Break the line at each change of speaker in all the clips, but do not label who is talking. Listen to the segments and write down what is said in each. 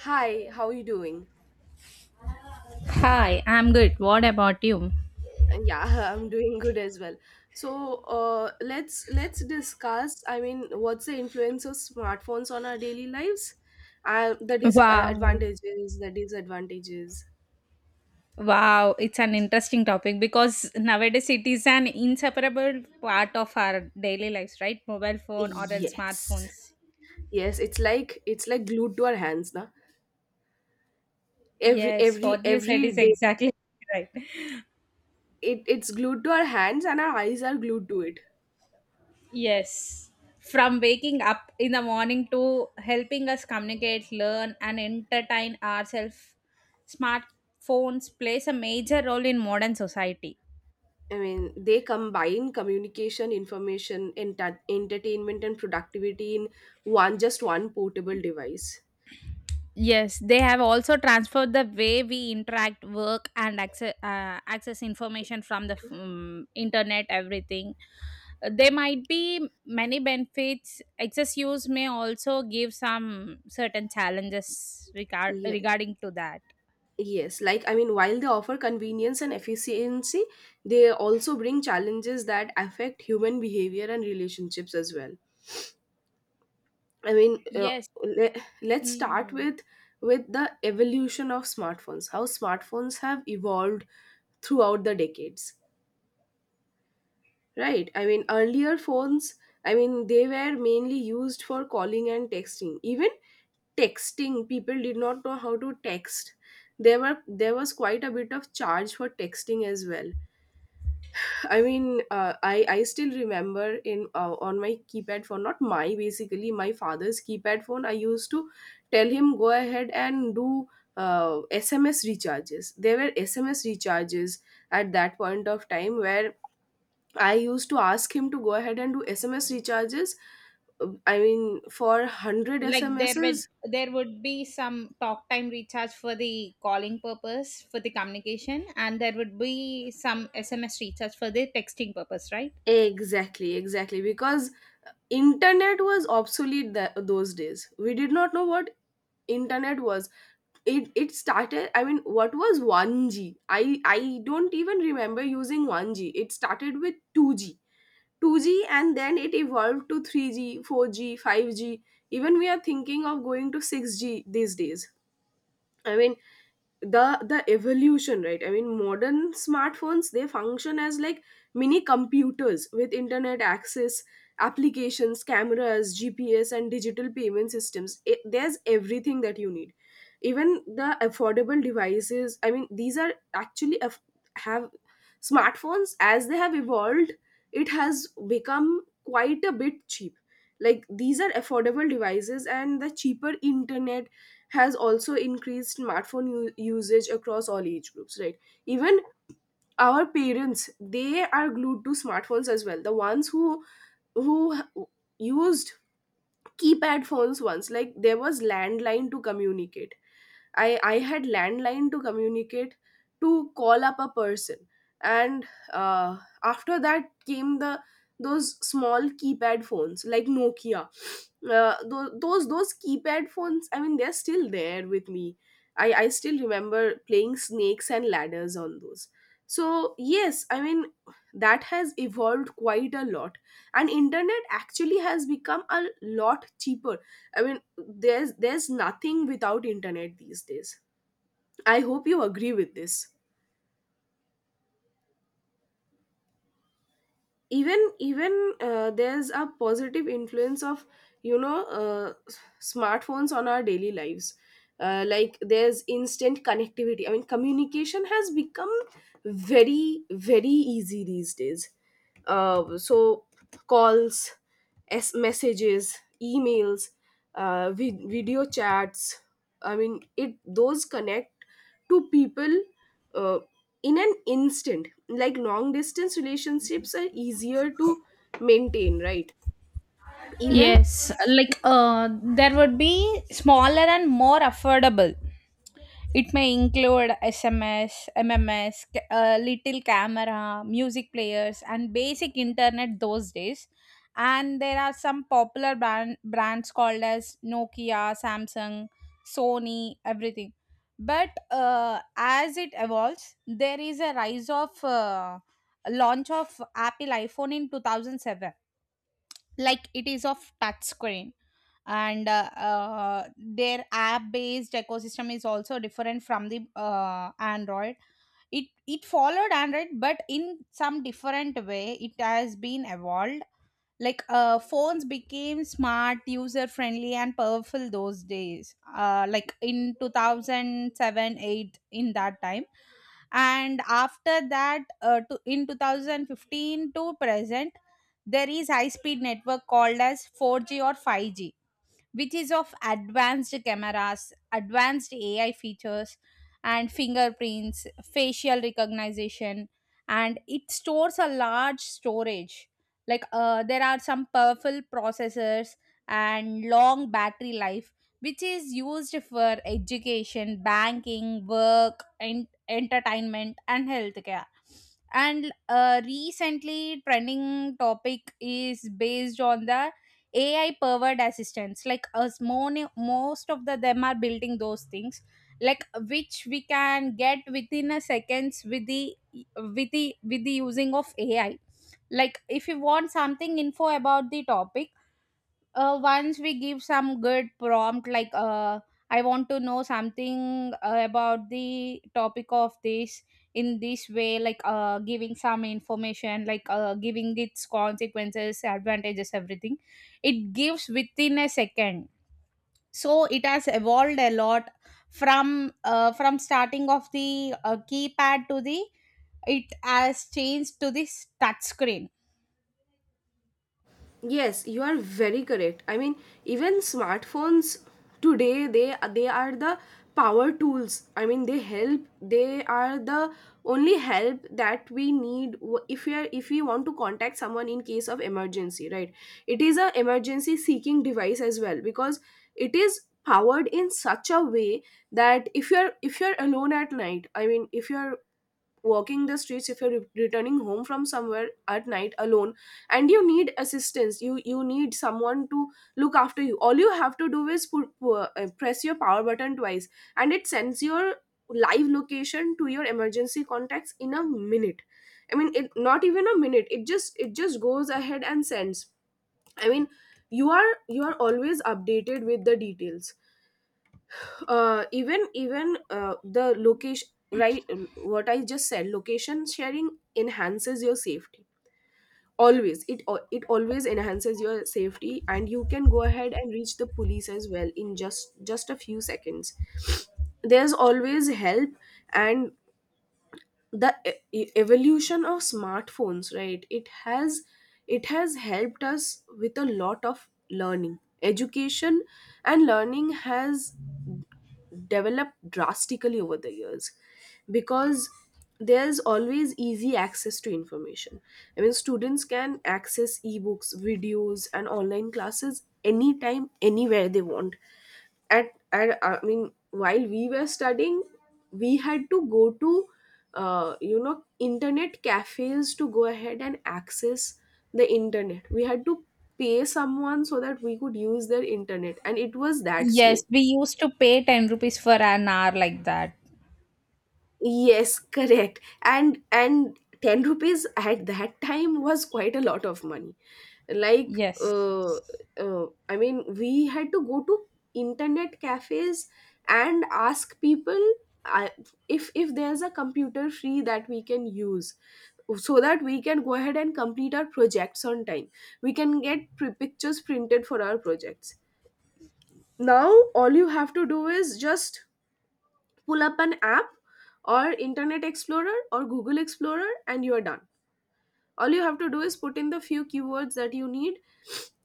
Hi, how are you doing?
Hi, I'm good. What about you?
Uh, Yeah, I'm doing good as well. So let's discuss. I mean, what's the influence of smartphones on our daily lives? The dis
Wow.
advantages, the disadvantages.
Wow, it's an interesting topic because nowadays it is an inseparable part of our daily lives, right? Mobile phone or else
Yes,
smartphones.
yes. It's like glued to our hands, na? Every
Yes,
every
what you said
every
is
day,
exactly right.
it's glued to our hands, and our eyes are glued to it.
Yes. From waking up in the morning to helping us communicate, learn, and entertain ourselves, smartphones plays a major role in modern society.
I mean, they combine communication, information, entertainment, and productivity in one just one portable device.
Yes, they have also transferred the way we interact, work, and access, access information from the internet, everything. There might be many benefits. Excess use may also give some certain challenges
Yeah,
regarding to that.
yes. Like I mean, while they offer convenience and efficiency, they also bring challenges that affect human behavior and relationships as well. I mean, uh,
Yes.
let's start
Mm.
with the evolution of smartphones. How smartphones have evolved throughout the decades. Right. I mean, earlier phones, I mean, they were mainly used for calling and texting. Even texting, people did not know how to text. There was quite a bit of charge for texting as well. I still remember in on my keypad phone, not my, basically my father's keypad phone. I used to tell him go ahead and do SMS recharges. There were SMS recharges at that point of time where I used to ask him to go ahead and do SMS recharges. I mean, for 100
Like
SMSs.
there would be some talk time recharge for the calling purpose for the communication and there would be some SMS recharge for the texting purpose, right?
Exactly, exactly. Because internet was obsolete those days. We did not know what internet was. It started. I mean, what was 1G? I don't even remember using 1G. It started with 2G, and then it evolved to 3G, 4G, 5G. Even we are thinking of going to 6G these days. I mean, the evolution, right? I mean, modern smartphones, they function as like mini computers with internet access, applications, cameras, GPS, and digital payment systems. There's everything that you need, even the affordable devices. I mean, these are actually aff- have smartphones. As they have evolved, it has become quite a bit cheap. Like these are affordable devices, and the cheaper internet has also increased smartphone usage across all age groups, right? Even our parents, they are glued to smartphones as well, the ones who who used keypad phones once. Like there was landline to communicate. I had landline to communicate, to call up a person, and uh, after that came the those small keypad phones like Nokia. Those keypad phones, I mean, they're still there with me. I still remember playing snakes and ladders on those. So yes, I mean, that has evolved quite a lot, and internet actually has become a lot cheaper. I mean, there's nothing without internet these days. I hope you agree with this. Even even There's a positive influence of, you know, smartphones on our daily lives. Like, there's instant connectivity. I mean, communication has become very, very easy these days. So calls, s messages, emails, video chats, I mean, it those connect to people Uh, in an instant. Like, long distance relationships are easier to maintain, right? Even...
Yes, like there would be smaller and more affordable. It may include SMS, MMS, little camera, music players, and basic internet those days. And there are some popular brands called as Nokia, Samsung, Sony, everything. But as it evolves, there is a rise of launch of Apple iPhone in 2007, like it is of touch screen, and their app based ecosystem is also different from the android. It followed android, but in some different way it has been evolved. Like phones became smart, user friendly, and powerful those days, like in 2007, 8, in that time. And after that in 2015 to present there is high speed network called as 4G or 5G, which is of advanced cameras, advanced AI features, and fingerprints, facial recognition, and it stores a large storage. Like there are some powerful processors and long battery life, which is used for education, banking, work, and entertainment, and healthcare. And recently, trending topic is based on the AI powered assistants, like most of the them are building those things, like which we can get within a seconds with the with the using of AI. Like if you want something info about the topic, once we give some good prompt, like I want to know something about the topic of this, in this way, like giving some information, like giving its consequences, advantages, everything, it gives within a second. So it has evolved a lot from from starting of the keypad to the, it has changed to this touch screen.
Yes, you are very correct. I mean, even smartphones today, they are the power tools. I mean, they help. They are the only help that we need. If we are, if we want to contact someone in case of emergency, right? It is a emergency seeking device as well, because it is powered in such a way that if you're alone at night. I mean, if you're walking the streets, if you're returning home from somewhere at night alone and you need assistance, you need someone to look after you, all you have to do is press your power button twice, and it sends your live location to your emergency contacts in a minute. I mean, it not even a minute, it just goes ahead and sends. I mean, you are always updated with the details. Even even The location, right? What I just said, location sharing enhances your safety. Always. It always enhances your safety, and you can go ahead and reach the police as well in just a few seconds. There's always help. And the evolution of smartphones, right? It has helped us with a lot of learning. Education and learning has developed drastically over the years, because there's always easy access to information. I mean, students can access ebooks, videos, and online classes anytime, anywhere they want. At I mean, while we were studying, we had to go to, you know, internet cafes to go ahead and access the internet. We had to pay someone so that we could use their internet, and it was that slow.
Yes, we used to pay 10 rupees for an hour like that.
Yes, correct. And 10 rupees at that time was quite a lot of money. Like
Yes.
uh, I mean, we had to go to internet cafes and ask people uh, if there's a computer free that we can use, so that we can go ahead and complete our projects on time. We can get pictures printed for our projects. Now all you have to do is just pull up an app, or internet explorer or google explorer, and you're done. All you have to do is put in the few keywords that you need,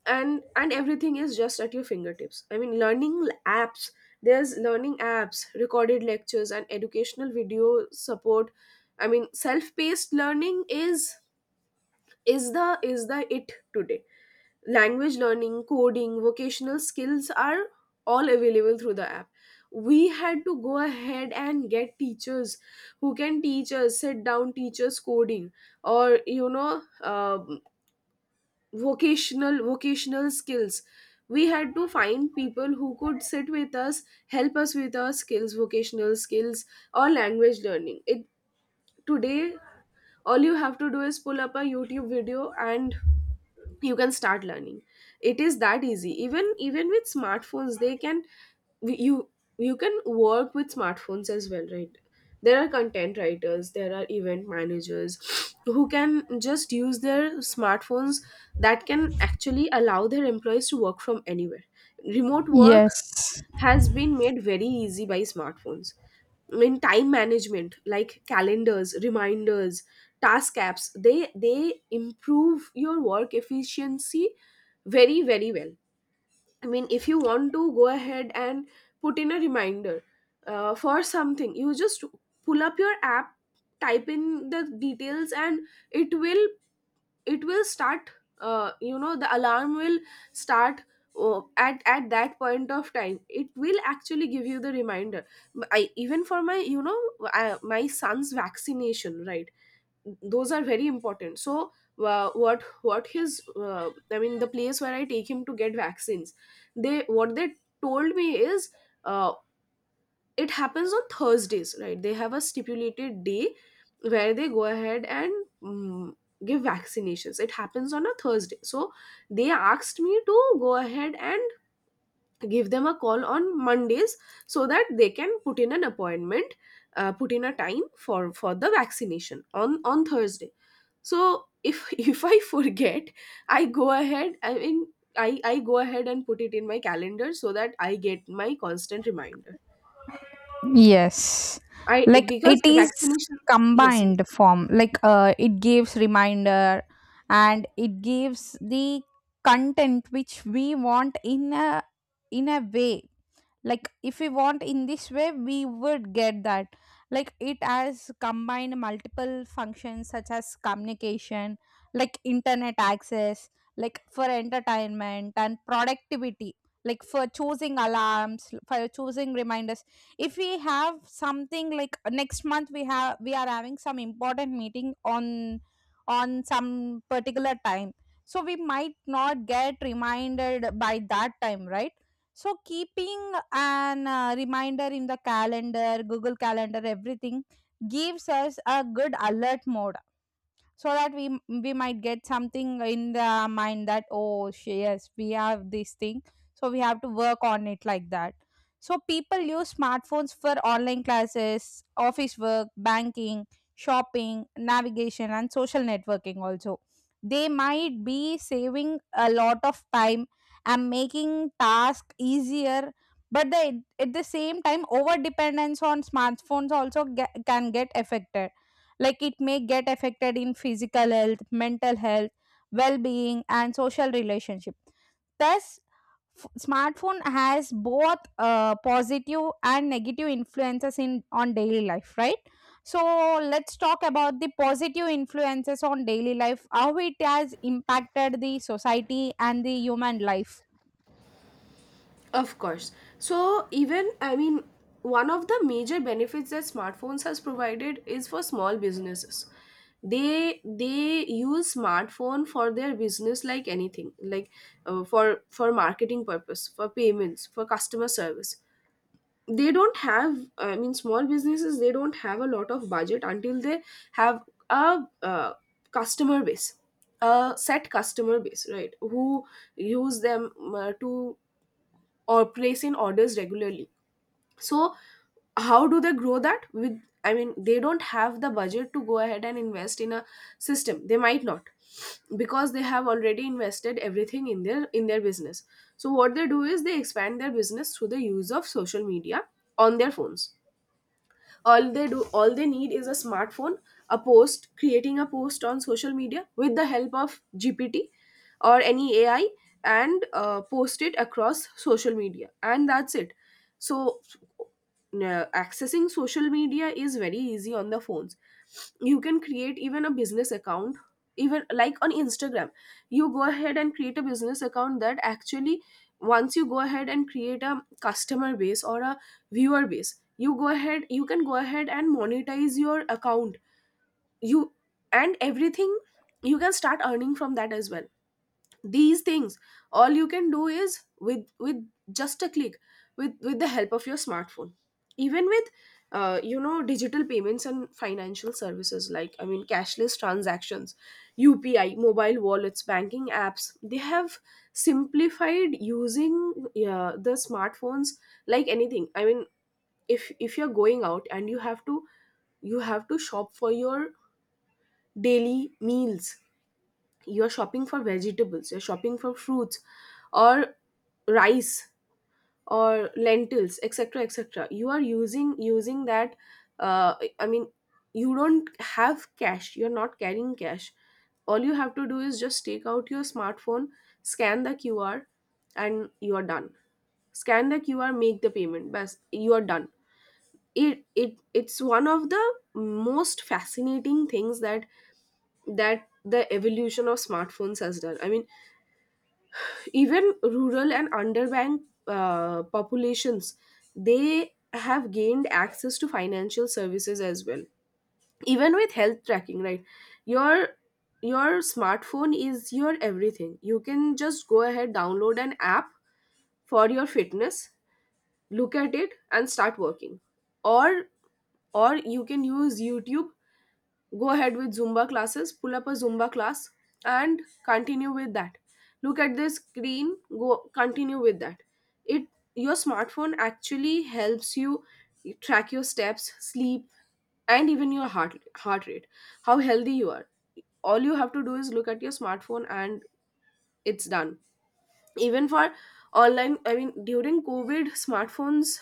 and everything is just at your fingertips. I mean, learning apps, there's learning apps, recorded lectures, and educational video support. I mean, self-paced learning is the it today. Language learning, coding, vocational skills are all available through the app. We had to go ahead and get teachers who can teach us, sit down teachers coding, or, you know, um, vocational skills. We had to find people who could sit with us, help us with our skills, vocational skills or language learning. It Today, all you have to do is pull up a YouTube video, and you can start learning. It is that easy. Even even with smartphones they can, you you can work with smartphones as well, right? There are content writers, there are event managers who can just use their smartphones, that can actually allow their employees to work from anywhere. Remote work
Yes,
has been made very easy by smartphones. In time management, like calendars, reminders, task apps, they improve your work efficiency very, very well. I mean, if you want to go ahead and put in a reminder for something, you just pull up your app, type in the details, and it will start. The alarm will start at that point of time. It will actually give you the reminder. I even for my you know I, My son's vaccination, right? Those are very important. So, what his I mean, the place where I take him to get vaccines, they what they told me is, uh, it happens on Thursdays, right? They have a stipulated day where they go ahead and, mm, give vaccinations. It happens on a Thursday. So they asked me to go ahead and give them a call on Mondays, so that they can put in an appointment, put in a time for the vaccination on Thursday. So if if I forget, I go ahead. I mean, I go ahead and put it in my calendar so that I get my constant reminder.
yes.
I,
Like
because
it is
vaccination, yes,
combined form. Like it gives reminder and it gives the content which we want in a way. Like if we want in this way, we would get that. Like it has combined multiple functions such as communication, like internet access, like for entertainment and productivity, like for choosing alarms, for choosing reminders. If we have something like next month, we are having some important meeting on some particular time, so we might not get reminded by that time, right? So keeping an reminder in the calendar, Google Calendar, everything gives us a good alert mode, so that we might get something in the mind that, oh yes, we have this thing, so we have to work on it, like that. So people use smartphones for online classes, office work, banking, shopping, navigation, and social networking also. They might be saving a lot of time and making tasks easier, but they, at the same time, over dependence on smartphones also can get affected. Like it may get affected in physical health, mental health, well-being, and social relationship. Thus smartphone has both positive and negative influences in on daily life, right? So let's talk about the positive influences on daily life, how it has impacted the society and the human life.
of course. So even, I mean, one of the major benefits that smartphones has provided is for small businesses. They use smartphone for their business like anything, like for marketing purpose, for payments, for customer service. They don't have, I mean small businesses, they don't have a lot of budget until they have a customer base, a set customer base, right, who use them to or place in orders regularly. So how do they grow that with, I mean they don't have the budget to go ahead and invest in a system. They might not, because they have already invested everything in their business. So what they do is they expand their business through the use of social media on their phones. All they do, all they need is a smartphone. A post, creating a post on social media with the help of GPT or any AI, and post it across social media, and that's it. So uh, accessing social media is very easy on the phones. You can create even a business account, even like on Instagram. You go ahead and create a business account that actually, once you go ahead and create a customer base or a viewer base, you go ahead, you can go ahead and monetize your account, you and everything, you can start earning from that as well. These things, all you can do is with just a click, with the help of your smartphone. Even with you know, digital payments and financial services, like I mean cashless transactions, UPI, mobile wallets, banking apps, they have simplified using the smartphones like anything. I mean, if you're going out and you have to, you have to shop for your daily meals, you're shopping for vegetables, you're shopping for fruits, or rice, or lentils, etc., etc., you are using that. uh, I mean, you don't have cash, you're not carrying cash. All you have to do is just take out your smartphone, scan the QR, and you are done. Scan the QR, make the payment, bas, you are done. It's one of the most fascinating things that the evolution of smartphones has done. I mean, even rural and underbanked populations, they have gained access to financial services as well. Even with health tracking, right, your your smartphone is your everything. You can just go ahead, download an app for your fitness, look at it and start working, or or you can use YouTube. Go ahead with Zumba classes, pull up a Zumba class and continue with that. Look at the screen, go, continue with that. It, your smartphone actually helps you track your steps, sleep, and even your heart rate, how healthy you are. All you have to do is look at your smartphone and it's done. Even for online, I mean during COVID, smartphones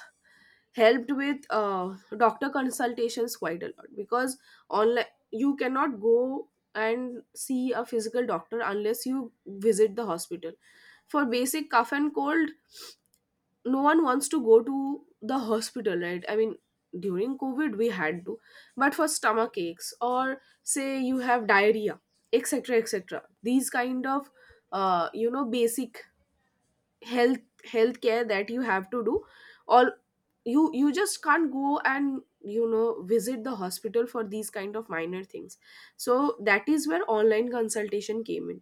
helped with doctor consultations quite a lot, because online you cannot go and see a physical doctor unless you visit the hospital. For basic cough and cold, no one wants to go to the hospital, right? I mean during COVID we had to, but for stomach aches, or say you have diarrhea, etc., etc., these kind of you know, basic health, healthcare that you have to do, or you just can't go and, you know, visit the hospital for these kind of minor things. So that is where online consultation came in,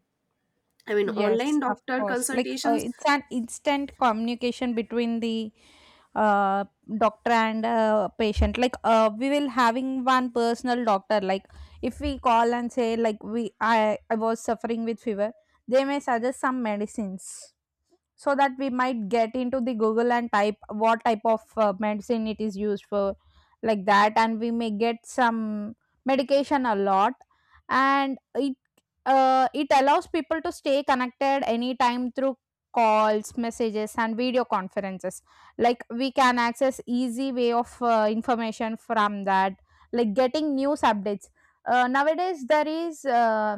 I mean
Yes,
online
of
doctor
course. Like
consultations.
it's an instant communication between the uh, doctor and patient. Like we will having one personal doctor. Like if we call and say like we I was suffering with fever, they may suggest some medicines, so that we might get into the google and type what type of medicine it is used for, like that, and we may get some medication a lot. And it allows people to stay connected anytime through calls, messages, and video conferences. Like we can access easy way of information from that, like getting news updates. Nowadays there is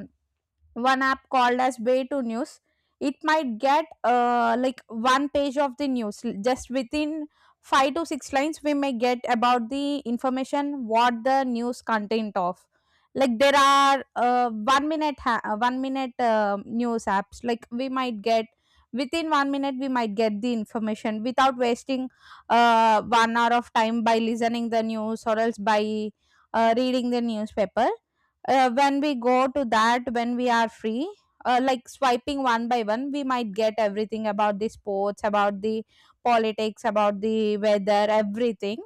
one app called as way to news. It might get like one page of the news just within five to six lines, we may get about the information what the news content of. Like there are 1 minute news apps, like we might get within 1 minute, we might get the information without wasting 1 hour of time by listening the news or else by reading the newspaper, when we go to that, when we are free. Like swiping one by one, we might get everything about the sports, about the politics, about the weather, everything.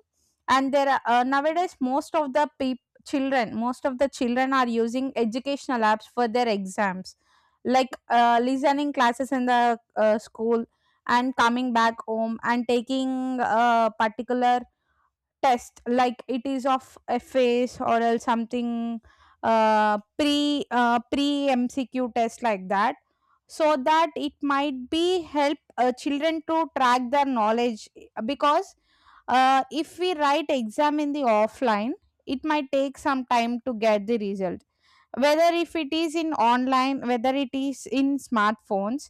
And there are nowadays most of the children, most of the children are using educational apps for their exams, like listening classes in the school and coming back home and taking a particular test, like it is of a phase or else something, pre MCQ test, like that, so that it might be help children to track their knowledge. Because if we write exam in the offline, it might take some time to get the result, whether if it is in online, whether it is in smartphones,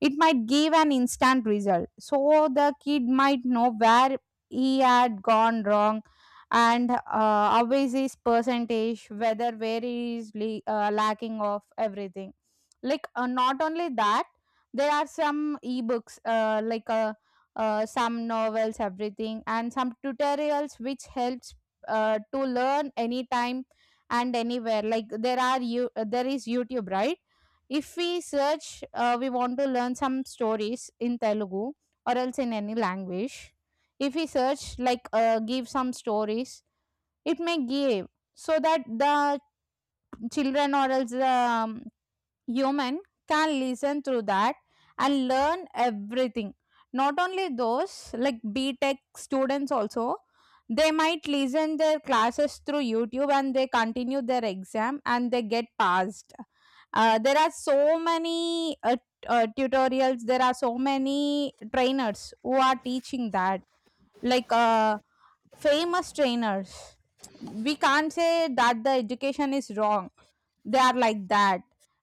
it might give an instant result, so the kid might know where he had gone wrong. And always his percentage, whether where he is lacking of everything. Like not only that, there are some ebooks, some novels, everything, and some tutorials which helps to learn anytime and anywhere. Like there is youtube, right? If we search, we want to learn some stories in telugu or else in any language, if we search, like give some stories, it may give, so that the children or else the human can listen through that and learn everything. Not only those, like B Tech students also, they might listen their classes through youtube and they continue their exam and they get passed. There are so many tutorials, there are so many trainers who are teaching that, like famous trainers. We can't say that the education is wrong. They are like that.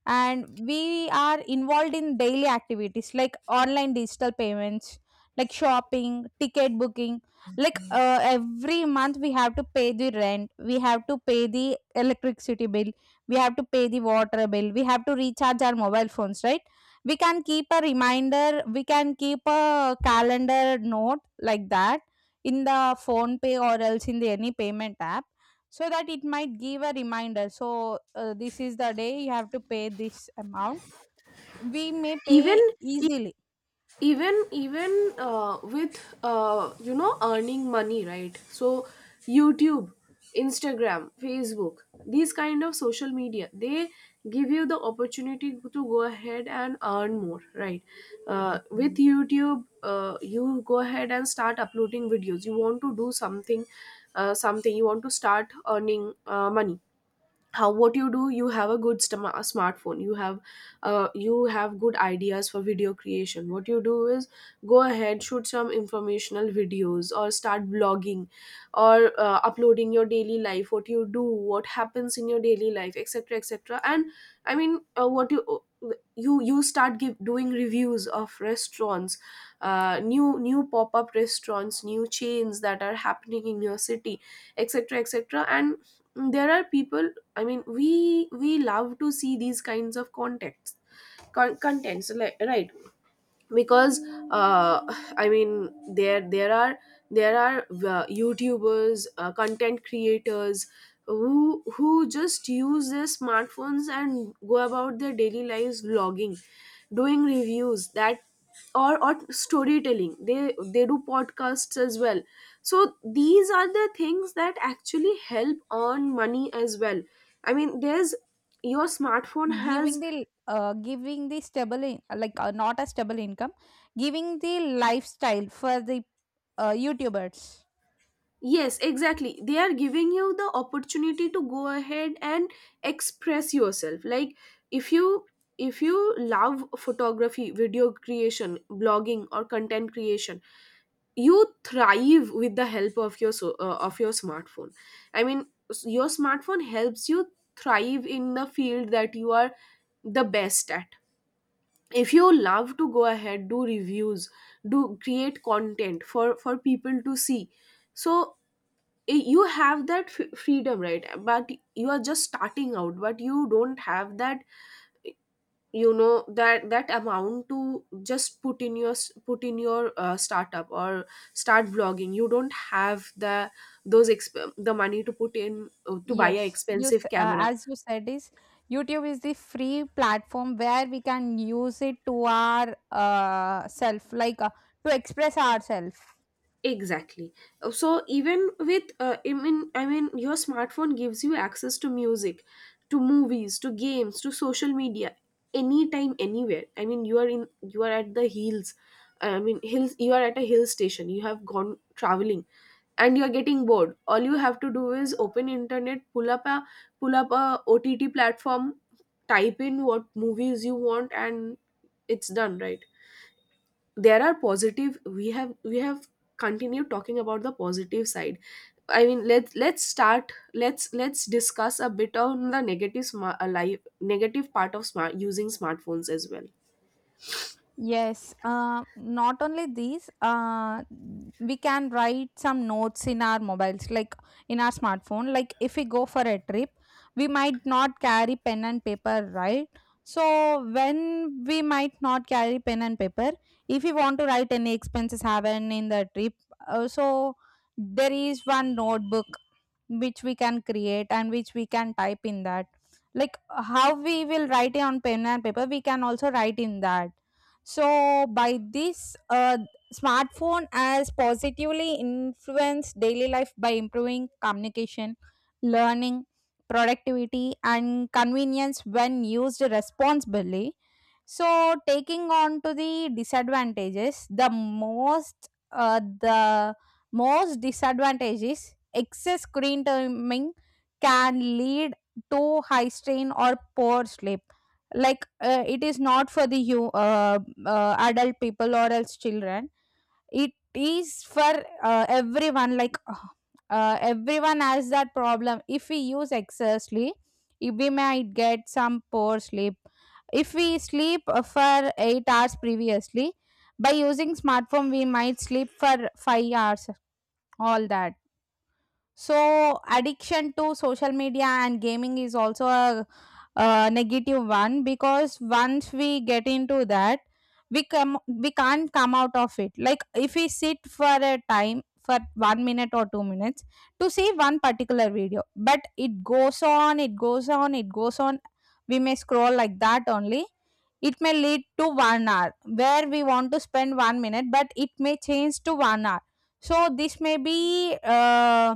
And we are involved in daily activities like online digital payments, like shopping, ticket booking. Like every month, we have to pay the rent, we have to pay the electricity bill, we have to pay the water bill, we have to recharge our mobile phones, right? We can keep a reminder, we can keep a calendar note, like that, in the phone pay or else in the any payment app, so that it might give a reminder, so this is the day you have to pay this amount, we may
even
pay easily.
even even uh, with you know, earning money, right? So YouTube, Instagram, Facebook, these kind of social media, they give you the opportunity to go ahead and earn more, right? With YouTube, you go ahead and start uploading videos. You want to do something, something you want to start earning money. How, what you do, you have a good stom- a smartphone you have good ideas for video creation. What you do is go ahead, shoot some informational videos, or start blogging, or uploading your daily life, what you do, what happens in your daily life, etc., etc., and I mean, what you start give, doing reviews of restaurants, new, new pop-up restaurants, new chains that are happening in your city, etc., etc. And there are people, I mean, we love to see these kinds of contexts, contents, like, right? Because uh, I mean, there there are there are youtubers, content creators, who just use their smartphones and go about their daily lives vlogging, doing reviews that, or storytelling, they do podcasts as well. So these are the things that actually help earn money as well. I mean there's, your smartphone has.
Giving the stable in, like not a stable income, giving the lifestyle for the youtubers.
Yes, exactly. They are giving you the opportunity to go ahead and express yourself. Like if you, if you love photography, video creation, blogging or content creation, you thrive with the help of your so, of your smartphone. I mean, your smartphone helps you thrive in the field that you are the best at. If you love to go ahead, do reviews, do create content for people to see. So you have that freedom, right, but you are just starting out, but you don't have that, you know, that that amount to just put in your startup, or start vlogging. You don't have the, those the money to put in to buy a
Yes,
expensive camera.
as you said is, youtube is the free platform where we can use it to our self, like to express ourselves.
Exactly. So even with I mean your smartphone gives you access to music, to movies, to games, to social media anytime anywhere. I mean you are in, you are at the hills. I mean hills, you are at a hill station. You have gone traveling and you are getting bored. All you have to do is open internet, pull up a, pull up a OTT platform, type in what movies you want and it's done, right? There are positive, we have continued talking about the positive side. I mean, let's start let's discuss a bit on the negative smart life, negative part of smart, using smartphones as well.
Yes, not only these, we can write some notes in our mobiles, like in our smartphone. Like if we go for a trip, we might not carry pen and paper, right? So, when we might not carry pen and paper, if we want to write any expenses happen in the trip, so there is one notebook which we can create and which we can type in that, like how we will write it on pen and paper, we can also write in that. So by this, smartphone has positively influenced daily life by improving communication, learning, productivity, and convenience when used responsibly. So taking on to the disadvantages, the most disadvantage is excess screen timing can lead to high strain or poor sleep. Like it is not for the you adult people or else children. It is for everyone. Like everyone has that problem. If we use excessively, we might get some poor sleep. If we sleep for 8 hours previously, by using smartphone we might sleep for 5 hours, all that. So, addiction to social media and gaming is also a negative one, because once we get into that, we can't come out of it. Like if we sit for a time for 1 minute or 2 minutes to see one particular video, but it goes on, it goes on, it goes on. We may scroll like that only. It may lead to 1 hour where we want to spend 1 minute, but it may change to 1 hour. So this may be.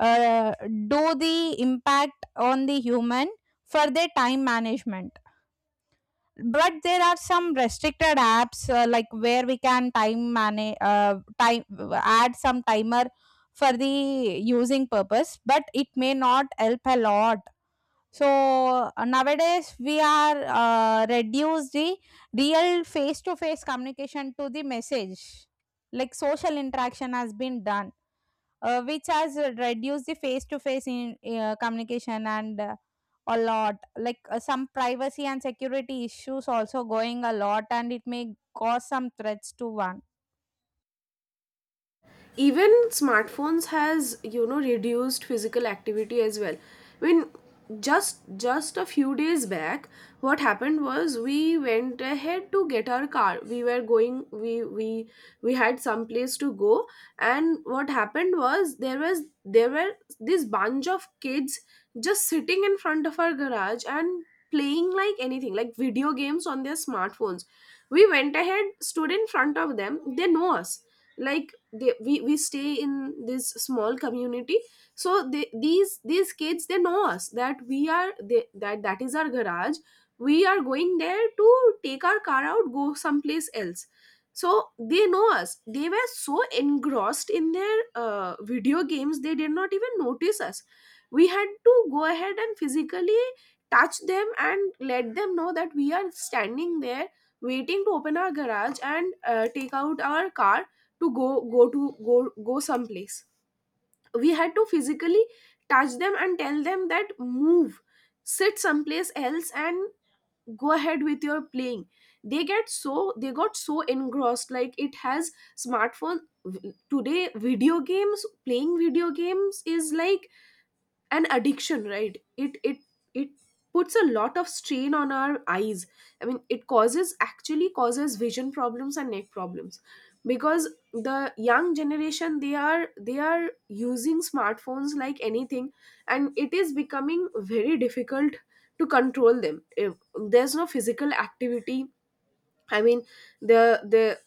uh, do the impact on the human for their time management, but there are some restricted apps, like where we can time manage time, add some timer for the using purpose, but it may not help a lot. So nowadays we are reduce the real face to face communication to the message, like social interaction has been done, which has reduced the communication and a lot, like some privacy and security issues also going a lot, and it may cause some threats to one.
Even smartphones has, you know, reduced physical activity as well. I mean, just a few days back, what happened was, we went ahead to get our car, we were going, we we had some place to go. And what happened was there was, there were this bunch of kids just sitting in front of our garage and playing like anything, like video games on their smartphones. We went ahead, stood in front of them, they know us, like they, we stay in this small community, so they, these kids, they know us, that we are they, that that is our garage, we are going there to take our car out, go someplace else. So they know us, they were so engrossed in their video games, they did not even notice us. We had to go ahead and physically touch them and let them know that we are standing there waiting to open our garage and take out our car, to go, go to go go someplace. We had to physically touch them and tell them that, move, sit someplace else and go ahead with your playing. They get so, they got so engrossed, like it has, smartphone, today video games, playing video games is like an addiction, right? It puts a lot of strain on our eyes. I mean, it causes, actually causes vision problems and neck problems, because the young generation, they are using smartphones like anything, and it is becoming very difficult to control them if there's no physical activity. I mean, the the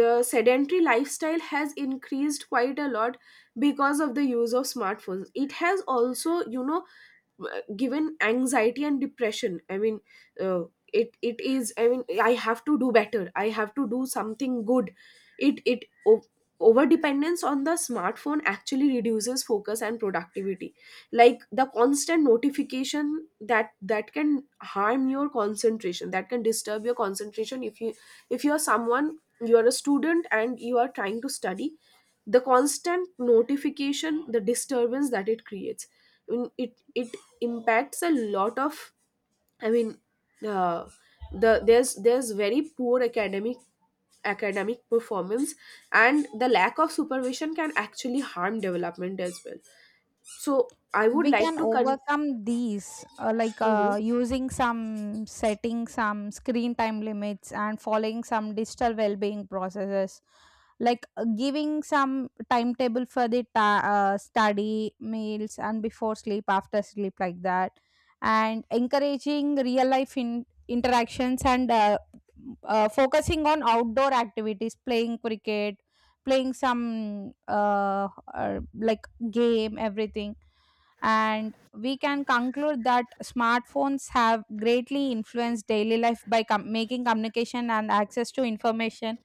the sedentary lifestyle has increased quite a lot because of the use of smartphones. It has also, you know, given anxiety and depression. I mean, uh, it is, I mean, I have to do better, I have to do something good. it it o- Over dependence on the smartphone actually reduces focus and productivity. Like the constant notification, that can harm your concentration, that can disturb your concentration. If you, if you are someone, you are a student and you are trying to study, the constant notification, the disturbance that it creates, I mean, it impacts a lot of, I mean, uh, the, there's very poor academic, academic performance, and the lack of supervision can actually harm development as well. So I would
We
like
can
to con.
overcome these,
Mhm.
using some setting some screen time limits and following some digital well-being processes, like giving some timetable for the study, meals, and before sleep, after sleep, like that, and encouraging real life interactions, and focusing on outdoor activities, playing cricket, playing some uh, like game, everything. And we can conclude that smartphones have greatly influenced daily life by making communication and access to information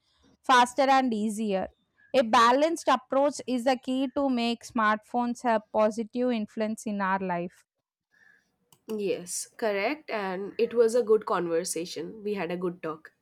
faster and easier. A balanced approach is the key to make smartphones a positive influence in our life.
Yes, correct, and it was a good conversation. We had a good talk.